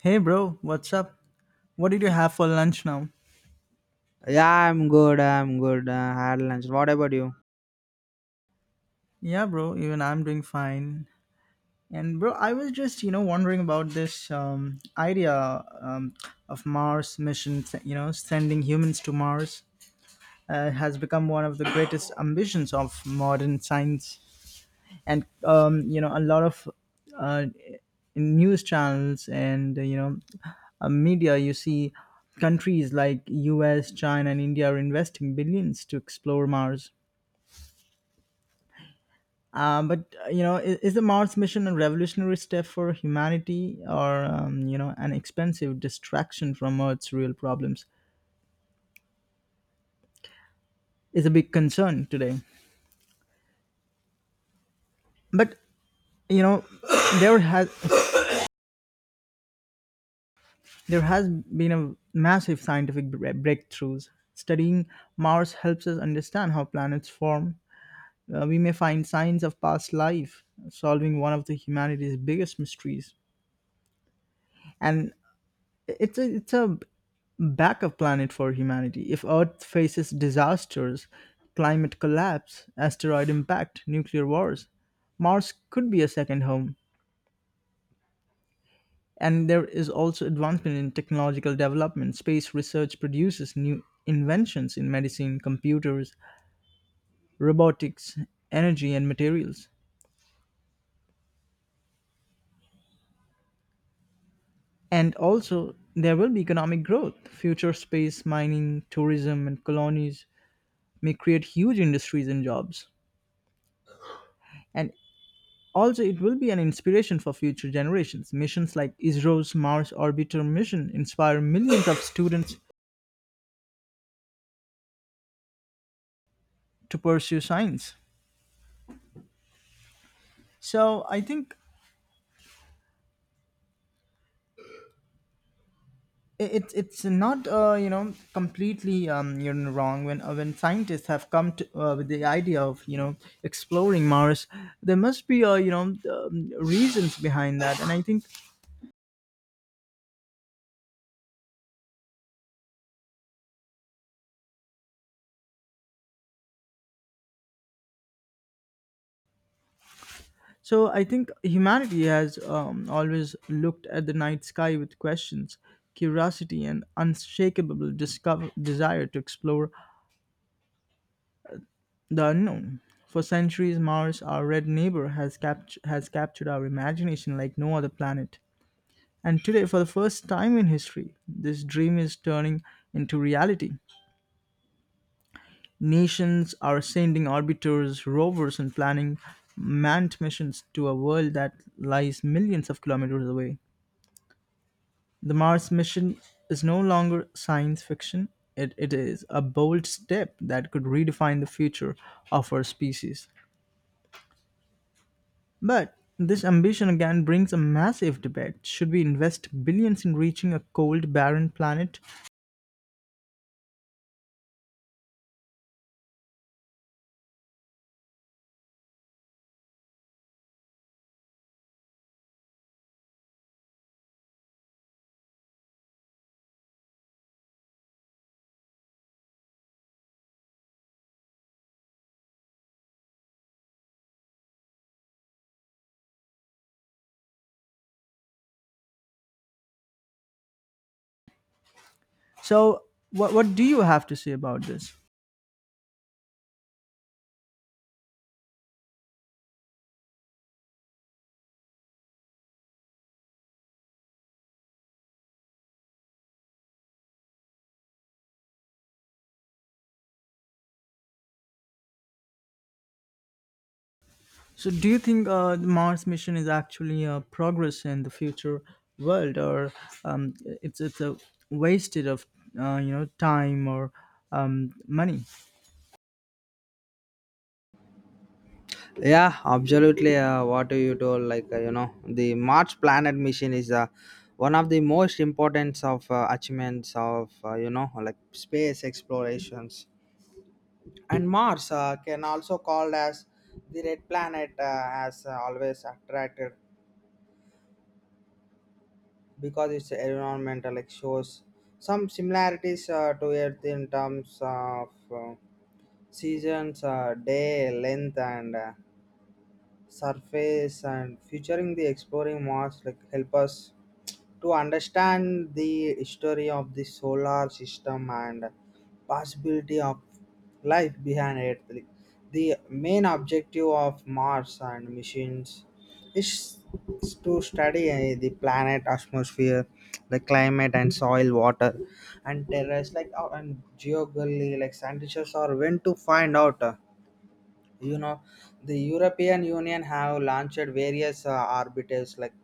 Hey bro, what's up? What did you have for lunch now? Yeah, I'm good. I'm good. I had lunch. What about you? Yeah, bro, even I'm doing fine. And bro, I was just, you know, wondering about this idea of Mars mission, you know, sending humans to Mars has become one of the greatest ambitions of modern science. And, you know, a lot of uh, news channels and, you know, media, you see countries like US, China, and India are investing billions to explore Mars. But you know, is the Mars mission a revolutionary step for humanity, or you know, an expensive distraction from Earth's real problems? Is a big concern today. But you know, there has there has been a massive scientific breakthroughs. Studying Mars helps us understand how planets form. We may find signs of past life, solving one of the humanity's biggest mysteries. And it's a backup planet for humanity. If Earth faces disasters, climate collapse, asteroid impact, nuclear wars, Mars could be a second home. And there is also advancement in technological development. Space research produces new inventions in medicine, computers, robotics, energy, and materials. And also, there will be economic growth. Future space mining, tourism, and colonies may create huge industries and jobs. And also, it will be an inspiration for future generations. Missions like ISRO's Mars Orbiter mission inspire millions of students to pursue science. So I think it's not you know completely you are wrong when scientists have come to, with the idea of you know exploring Mars. There must be you know reasons behind that, and I think So I think humanity has always looked at the night sky with questions, curiosity, and unshakable desire to explore the unknown. For centuries, Mars, our red neighbor, has, has captured our imagination like no other planet. And today, for the first time in history, this dream is turning into reality. Nations are sending orbiters, rovers, and planning manned missions to a world that lies millions of kilometers away. The Mars mission is no longer science fiction. It is a bold step that could redefine the future of our species. But this ambition again brings a massive debate. Should we invest billions in reaching a cold, barren planet? So, what do you have to say about this? So, do you think the Mars mission is actually a progress in the future world, or it's a wasted of you know time or money? Yeah, absolutely. What you told, like the March Planet mission is one of the most important of achievements of like space explorations. And Mars can also called as the red planet, has always attracted because its environment like shows some similarities to Earth in terms of seasons, day length, and surface and featuring the exploring Mars like help us to understand the history of the solar system and possibility of life behind Earth. Like, the main objective of Mars and missions is is to study the planet atmosphere, the climate and soil, water, and terrace like and geography like scientists are when to find out. You know the European Union have launched various orbiters like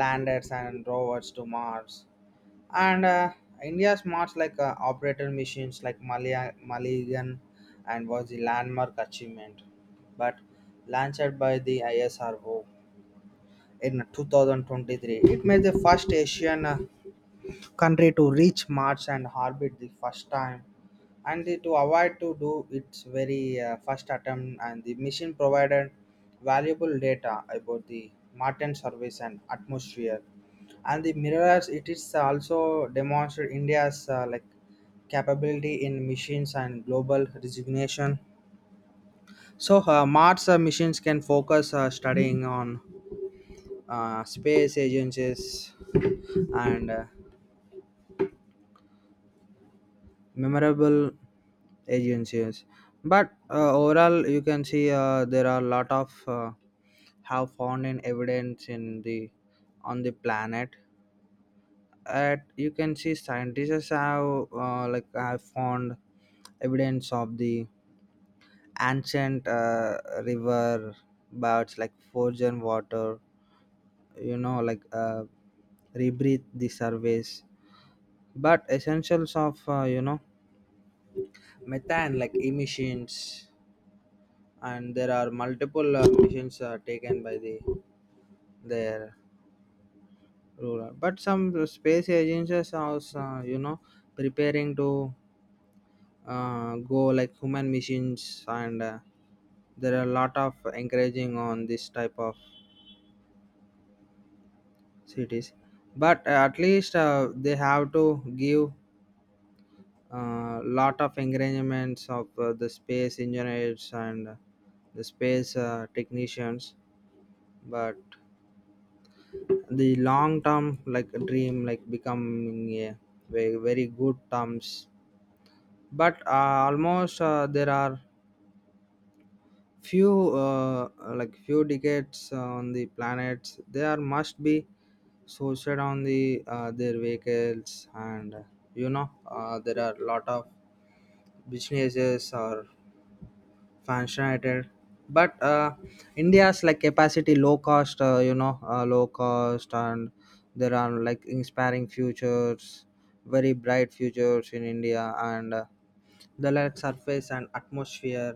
landers and rovers to Mars, and India's Mars like operator missions like malayaan and was the landmark achievement but launched by the ISRO in 2023. It made the first Asian country to reach Mars and orbit the first time and to avoid to do its very first attempt, and the mission provided valuable data about the Martian surface and atmosphere, and the mirrors it is also demonstrated India's like capability in missions and global resignation. So Mars missions can focus studying on space agencies and memorable agencies, but overall you can see there are a lot of have found in evidence in the on the planet. At you can see scientists have like have found evidence of the ancient river birds like frozen water, like rebreathe the surface, but essentials of methane like emissions, and there are multiple missions taken by their ruler, but some space agencies are also preparing to go like human missions, and there are a lot of encouraging on this type of cities. But at least they have to give a lot of encouragements of the space engineers and the space technicians, but the long term like a dream like becoming a very, very good terms. But almost there are few like few decades on the planets, there must be sourced on their vehicles, and there are lot of businesses or fascinated. But India's like capacity low cost low cost, and there are like inspiring futures, very bright futures in India, and the like surface and atmosphere,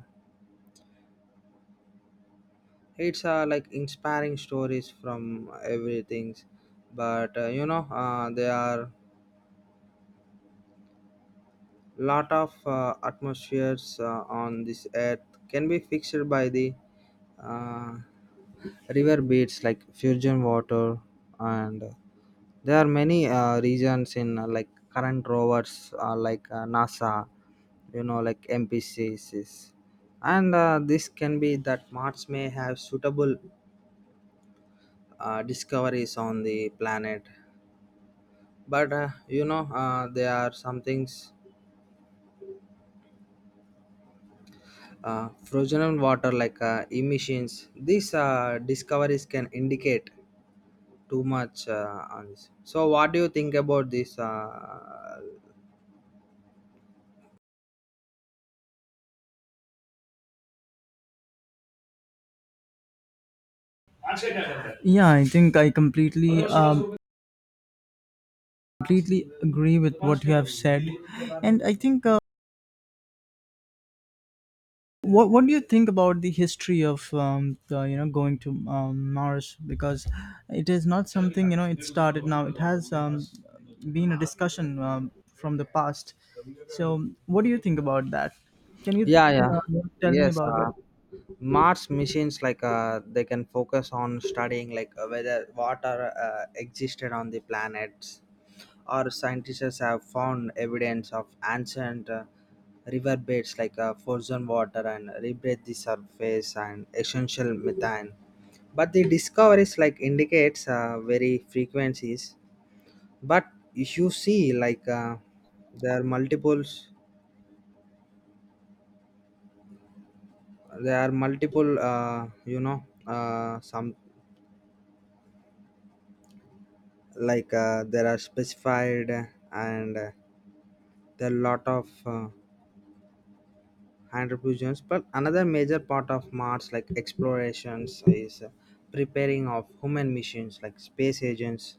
it's like inspiring stories from everything. But there are lot of atmospheres on this earth can be fixed by the uh, river beds like fusion water, and there are many regions in like current rovers like NASA, like MPCCs, and this can be that Mars may have suitable discoveries on the planet. But there are some things, frozen water like emissions, these discoveries can indicate too much on this. So, what do you think about this? Yeah, I think I completely agree with what you have said, and I think what do you think about the history of the, you know going to Mars, because it is not something you know it started now. It has been a discussion from the past. So, what do you think about that? Can you Yeah, yeah, uh, tell me yes. about that? Mars missions like they can focus on studying like whether water existed on the planets, or scientists have found evidence of ancient riverbeds like frozen water and rebreathe the surface and essential methane. But the discoveries like indicates very frequencies, but if you see like there are multiples there are multiple some like there are specified, and there are lot of contributions. But another major part of Mars like explorations is preparing of human missions like space agents,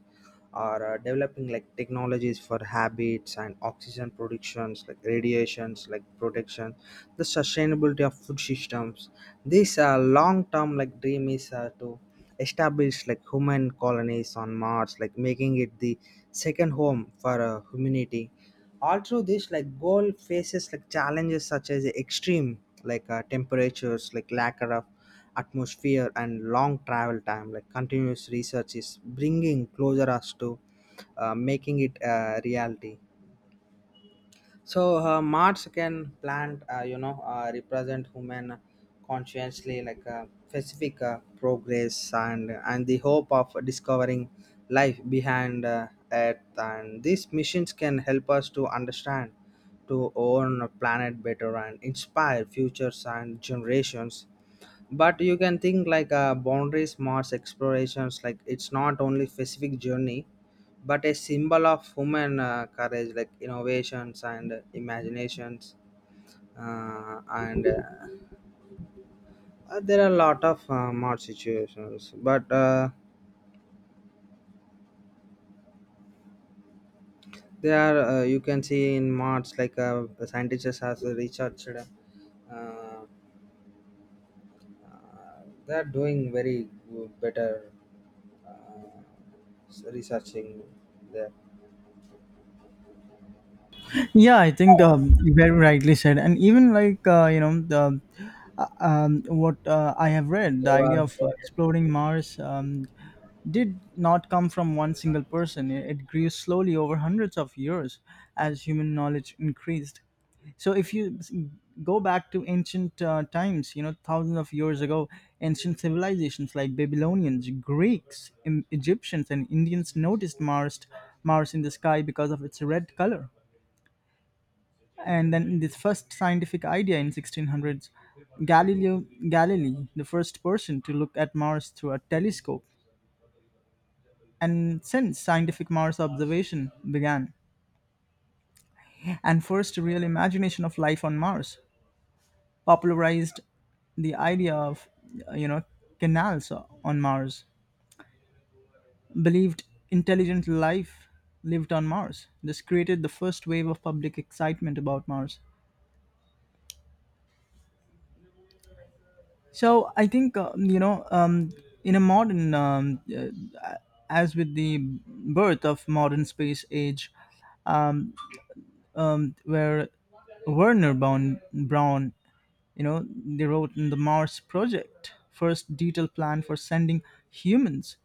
or developing like technologies for habits and oxygen productions, like radiations like protection, the sustainability of food systems. This long term like dream is to establish like human colonies on Mars, like making it the second home for humanity. All through this like gold faces like challenges such as extreme like temperatures like lack of atmosphere and long travel time, like continuous research is bringing closer us to making it a reality. So marts can plant represent human consciously like a specific progress, and the hope of discovering life behind earth, and these missions can help us to understand to own a planet better and inspire futures and generations. But you can think like a boundary smarts explorations, like it's not only specific journey but a symbol of human courage like innovations and imaginations. And there are a lot of mod situations, but there are you can see in mods like scientists has researched uh, uh, they are doing very good, better uh, researching there. Yeah, I think you very rightly said, and even like you know the what I have read, They the idea are, of exploring Mars did not come from one single person. It grew slowly over hundreds of years as human knowledge increased. So if you go back to ancient times, you know, thousands of years ago, ancient civilizations like Babylonians, Greeks, Egyptians, and Indians noticed Mars in the sky because of its red color. And then this first scientific idea in 1600s, Galileo Galilei, the first person to look at Mars through a telescope, and since scientific Mars observation began, and first real imagination of life on Mars popularized the idea of, you know, canals on Mars, believed intelligent life lived on Mars. This created the first wave of public excitement about Mars. So I think, in a modern, as with the birth of modern space age, where Werner Braun, you know, they wrote in the Mars Project, first detailed plan for sending humans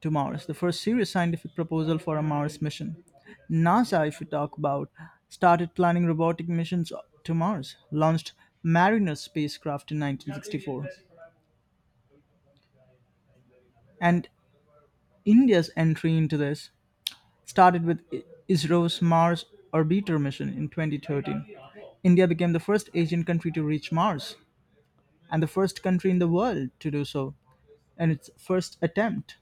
to Mars, the first serious scientific proposal for a Mars mission. NASA, if you talk about, started planning robotic missions to Mars, launched Mariner spacecraft in 1964, and India's entry into this started with ISRO's Mars Orbiter mission in 2013. India became the first Asian country to reach Mars and the first country in the world to do so in its first attempt.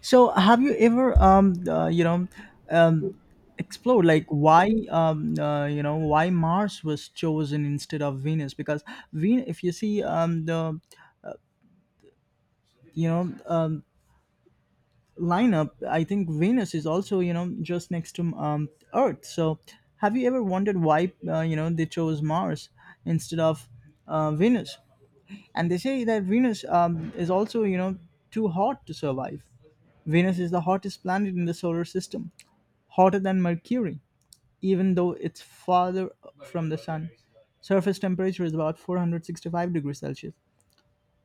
So, have you ever, you know, um, explored like why, you know, why Mars was chosen instead of Venus? Because Venus, if you see the, you know, um, lineup, I think Venus is also, you know, just next to Earth. So, have you ever wondered why you know they chose Mars instead of Venus? And they say that Venus is also, you know, too hot to survive. Venus is the hottest planet in the solar system, hotter than Mercury, even though it's farther from the sun. Surface temperature is about 465 degrees Celsius,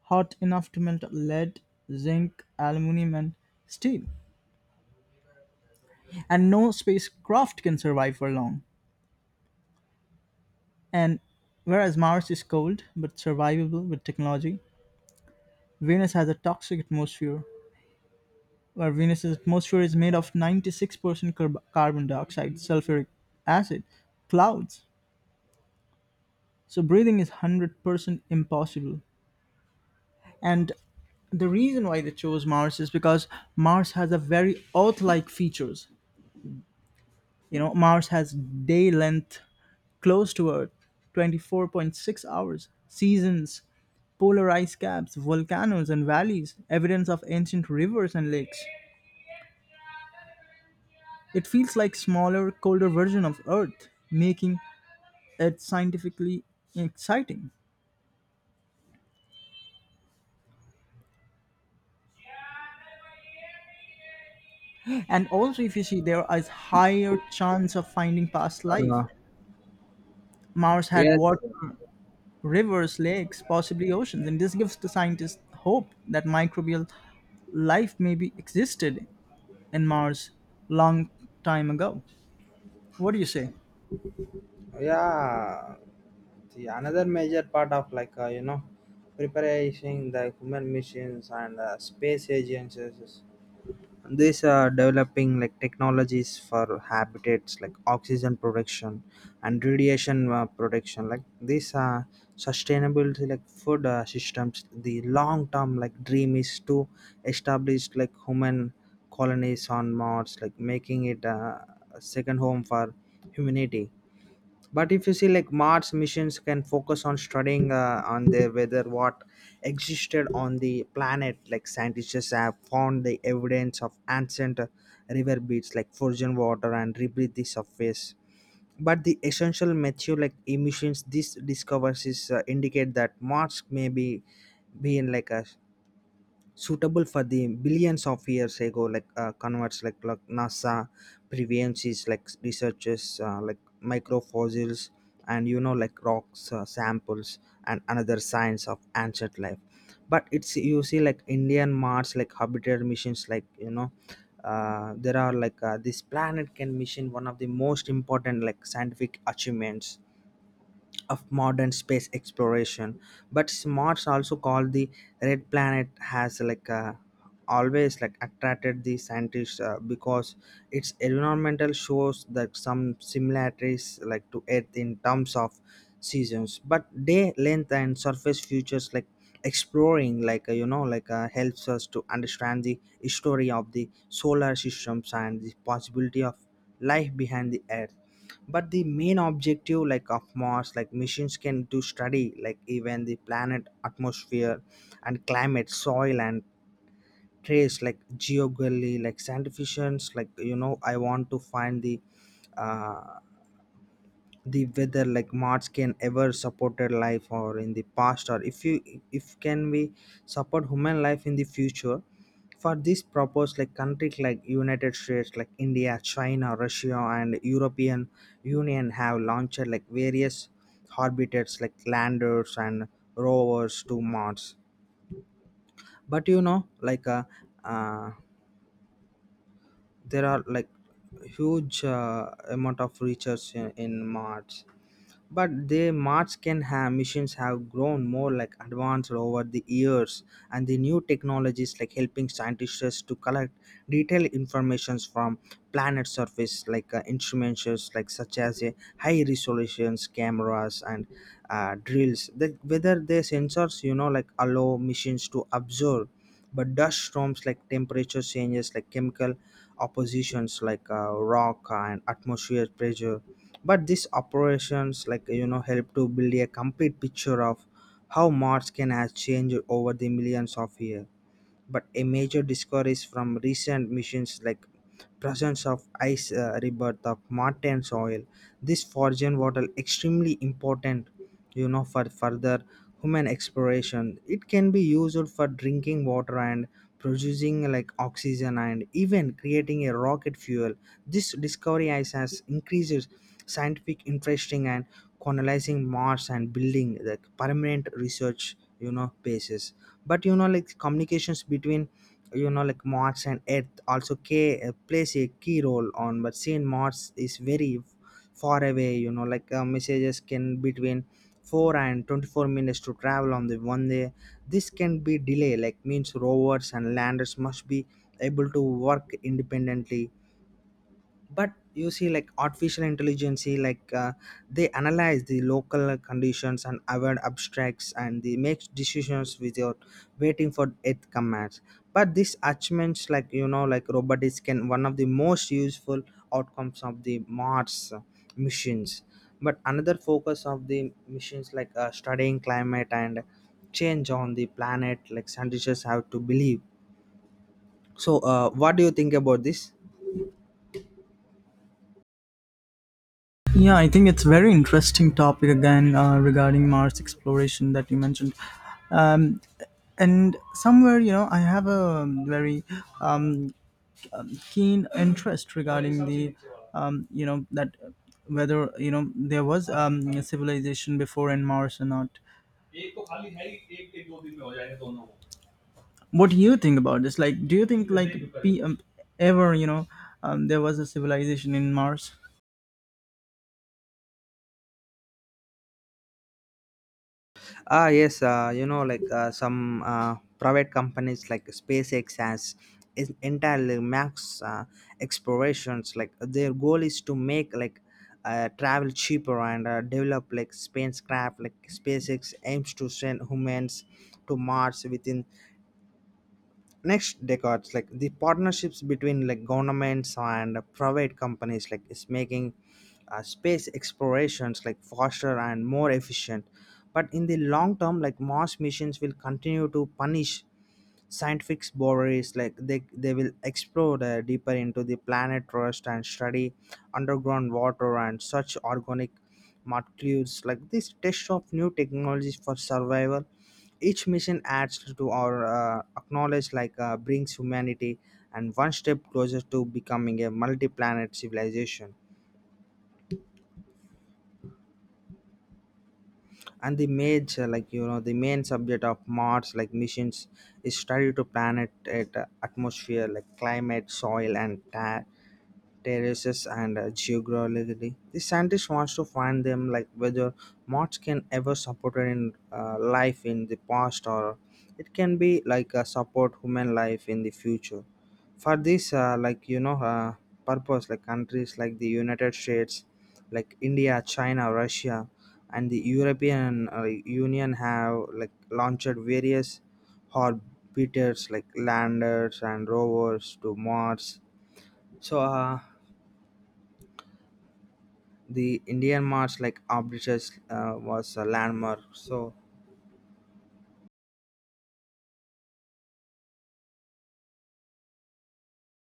hot enough to melt lead, zinc, aluminum, and steel. And no spacecraft can survive for long. And whereas Mars is cold but survivable with technology, Venus has a toxic atmosphere, where Venus's atmosphere is made of 96% carbon dioxide, sulfuric acid, clouds. So breathing is 100% impossible. And the reason why they chose Mars is because Mars has a very Earth like features. You know, Mars has day length close to Earth, 24.6 hours, seasons, polar ice caps, volcanoes and valleys, evidence of ancient rivers and lakes. It feels like smaller, colder version of Earth, making it scientifically exciting. And also if you see there is higher chance of finding past life. uh, Mars had yes, water, rivers, lakes, possibly oceans. And this gives the scientists hope that microbial life may be existed in Mars long time ago. What do you say? yeah. The another major part of like preparation the human missions and space agencies, these are developing like technologies for habitats like oxygen production and radiation production, like these are sustainability like food systems. The long term like dream is to establish like human colonies on Mars, like making it a second home for humanity. But if you see like Mars missions can focus on studying on the whether what existed on the planet, like scientists have found the evidence of ancient river beds like frozen water and rebreathe the surface. But the essential material like emissions, these discoveries indicate that Mars may be being like a suitable for the billions of years ago, like converts like NASA prevalences, like researchers like microfossils, and like rocks samples, and another signs of ancient life. But it's you see like Indian Mars like habitat missions like there are like this planet can mission one of the most important like scientific achievements of modern space exploration. But Mars, also called the red planet, has like always like attracted the scientists because its environmental shows that some similarities like to Earth in terms of seasons, but day length and surface features, like exploring like like helps us to understand the history of the solar systems and the possibility of life behind the earth. But the main objective like of Mars like missions can do study like even the planet atmosphere and climate, soil, and trace like geography, like scientific like I want to find the uh, the weather like march can ever supported life or in the past, or if you if can we support human life in the future. For this purpose, like countries like United States, like India, China, Russia, and European Union have launched like various orbiters like landers and rovers to Mars. But like uh, there are like huge amount of research in Mars. But the Mars can have missions have grown more like advanced over the years, and the new technologies like helping scientists to collect detailed informations from planet surface, like instruments like such as a high resolutions cameras and drills that whether the sensors like allow machines to observe, but dust storms like temperature changes like chemical oppositions like rock and atmosphere pressure. But these operations like help to build a complete picture of how Mars can has changed over the millions of years. But a major discoveries from recent missions, like presence of ice rebirth of Martian soil. This Forgian water extremely important for further human exploration. It can be used for drinking water and producing like oxygen and even creating a rocket fuel. This discovery ice has increased scientific interesting and colonizing Mars and building the permanent research basis. But like communications between like Mars and Earth also plays a key role on, but seeing Mars is very far away, like messages can between 4 and 24 minutes to travel on the one day. This can be delay like means rovers and landers must be able to work independently. But you see like artificial intelligence like they analyze the local conditions and avoid abstracts and they make decisions without waiting for it commands. But these achievements like like robotics can one of the most useful outcomes of the Mars missions. But another focus of the missions like studying climate and change on the planet, like scientists have to believe. So what do you think about this? Yeah, I think it's very interesting topic again regarding Mars exploration that you mentioned. Um, and somewhere, you know, I have a very um, keen interest regarding the, you know, that whether you know there was a civilization before in Mars or not. What do you think about this, like, do you think like p ever, you know, there was a civilization in Mars? Ah, yes, like some private companies like SpaceX has is entirely max explorations. Like their goal is to make like travel cheaper and develop like spacecraft. Like SpaceX aims to send humans to Mars within next decades, like the partnerships between like governments and private companies like is making space explorations like faster and more efficient. But in the long term, like Mars missions will continue to punish scientific boundaries, like they will explore deeper into the planet crust and study underground water and such organic molecules, like this test of new technologies for survival. Each mission adds to our acknowledge, like brings humanity and one step closer to becoming a multi-planet civilization. And the major, like the main subject of Mars, like missions, is study to planet atmosphere, like climate, soil, and terraces and geography. The scientist wants to find them like whether moths can ever support in life in the past, or it can be like support human life in the future. For this, purpose like countries like the United States, like India, China, Russia, and the European Union have like launched various orbiters like landers and rovers to Mars. So the Indian March like arbitrage was a landmark. So,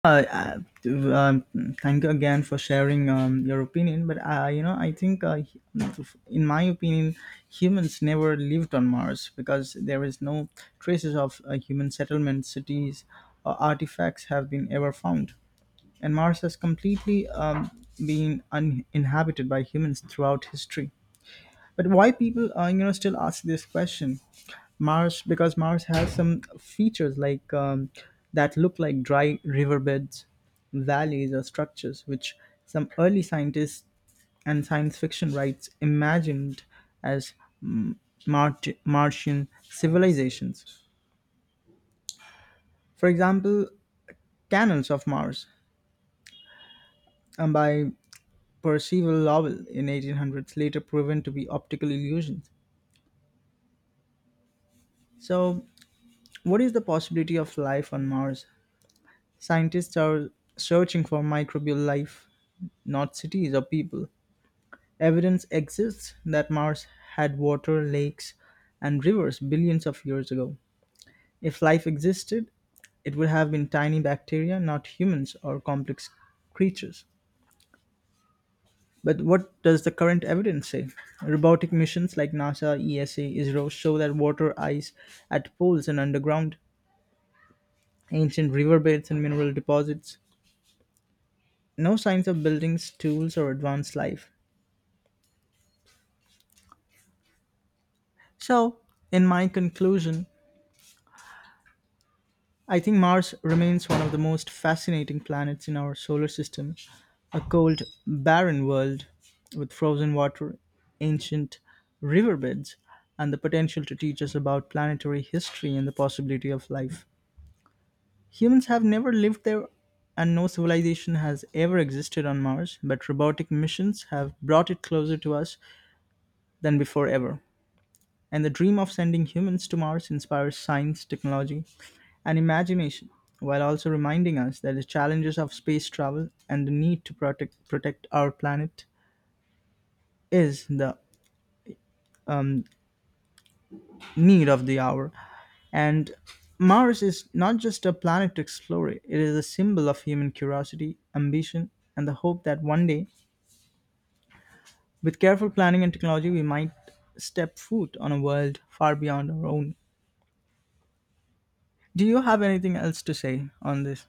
uh, uh, to- um, Thank you again for sharing your opinion, but you know I think, in my opinion, humans never lived on Mars because there is no traces of human settlement cities or artifacts have been ever found, and Mars has completely been uninhabited by humans throughout history. But why people, you know, still ask this question? Mars, because Mars has some features like that look like dry riverbeds, valleys, or structures, which some early scientists and science fiction writes imagined as mm, Mar- Martian civilizations. For example, Canals of Mars by Percival Lowell in 1800s later proven to be optical illusions. So, what is the possibility of life on Mars? Scientists are searching for microbial life, not cities or people. Evidence exists that Mars had water, lakes, and rivers billions of years ago. If life existed, it would have been tiny bacteria, not humans or complex creatures. But what does the current evidence say? Robotic missions like NASA, ESA, ISRO show that water, ice at poles and underground, ancient riverbeds and mineral deposits, no signs of buildings, tools, or advanced life. So, in my conclusion, I think Mars remains one of the most fascinating planets in our solar system. A cold, barren world with frozen water, ancient riverbeds, and the potential to teach us about planetary history and the possibility of life. Humans have never lived there, and no civilization has ever existed on Mars, but robotic missions have brought it closer to us than before ever. And the dream of sending humans to Mars inspires science, technology, and imagination, while also reminding us that the challenges of space travel and the need to protect our planet is the um, need of the hour. And Mars is not just a planet to explore, it is a symbol of human curiosity, ambition, and the hope that one day, with careful planning and technology, we might step foot on a world far beyond our own. Do you have anything else to say on this?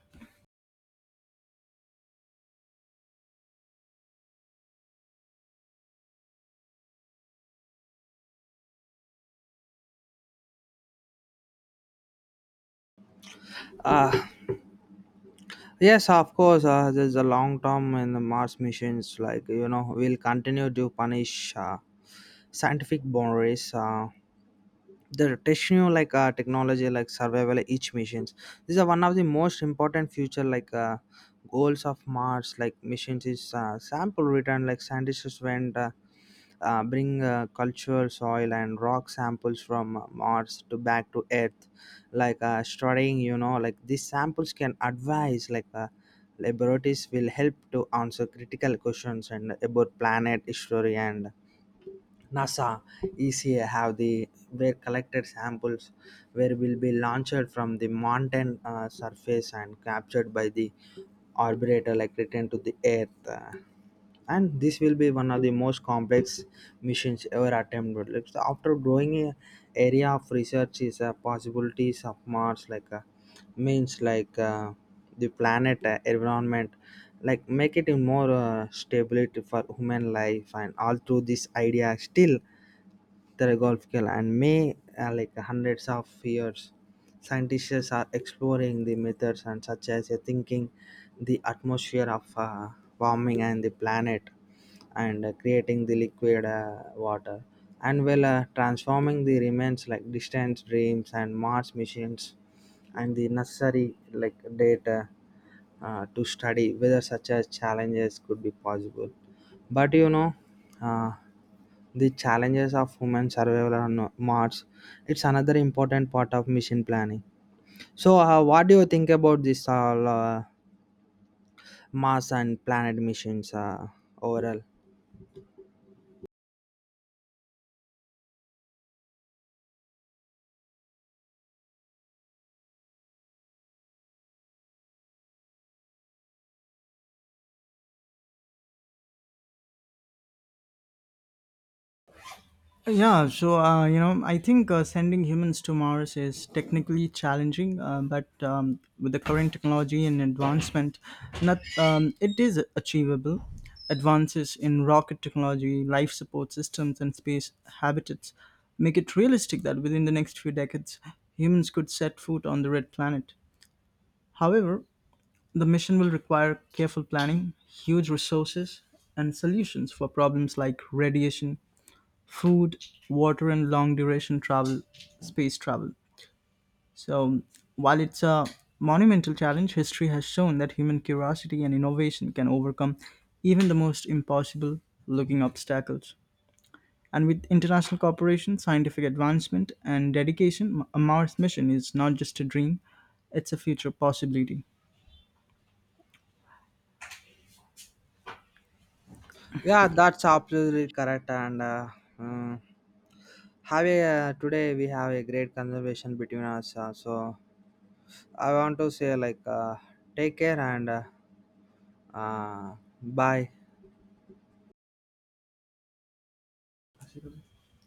uh, yes, of course, there's a long term in the Mars missions. Like we'll continue to punish scientific boundaries. The techno like technology like survival each missions, these are one of the most important future, like goals of Mars like missions is sample return, like scientists went bring cultural soil and rock samples from Mars to back to Earth. Like studying like these samples can advise like laboratories will help to answer critical questions and about planet history. And NASA, ECA have the where collected samples where will be launched from the mountain surface and captured by the orbiter, like return to the Earth. And this will be one of the most complex missions ever attempted. Like, so after growing a area of research is possibilities of Mars like means like. The planet environment, like make it a more stability for human life, and all through this idea still theological and may like hundreds of years scientists are exploring the methods and such as a thinking the atmosphere of warming and the planet, and creating the liquid water and well transforming the remains like distant dreams, and Mars missions and the necessary like data to study whether such as challenges could be possible. But uh, the challenges of human survival on Mars, it's another important part of mission planning. So what do you think about this all, Mars and planet missions, overall? Yeah, so you know, I think sending humans to Mars is technically challenging, but with the current technology and advancement, not it is achievable. Advances in rocket technology, life support systems, and space habitats make it realistic that within the next few decades, humans could set foot on the red planet. However, the mission will require careful planning, huge resources, and solutions for problems like radiation, food, water, and long duration space travel. So, while it's a monumental challenge, history has shown that human curiosity and innovation can overcome even the most impossible looking obstacles. And with international cooperation, scientific advancement, and dedication, a Mars mission is not just a dream, it's a future possibility. Yeah, that's absolutely correct. And mm, have a today we have a great conversation between us. So I want to say like take care and uh, bye.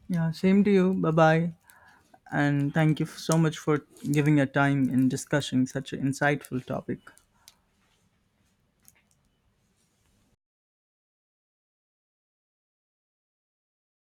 Yeah, same to you. Bye bye. And thank you so much for giving your time in discussing such an insightful topic.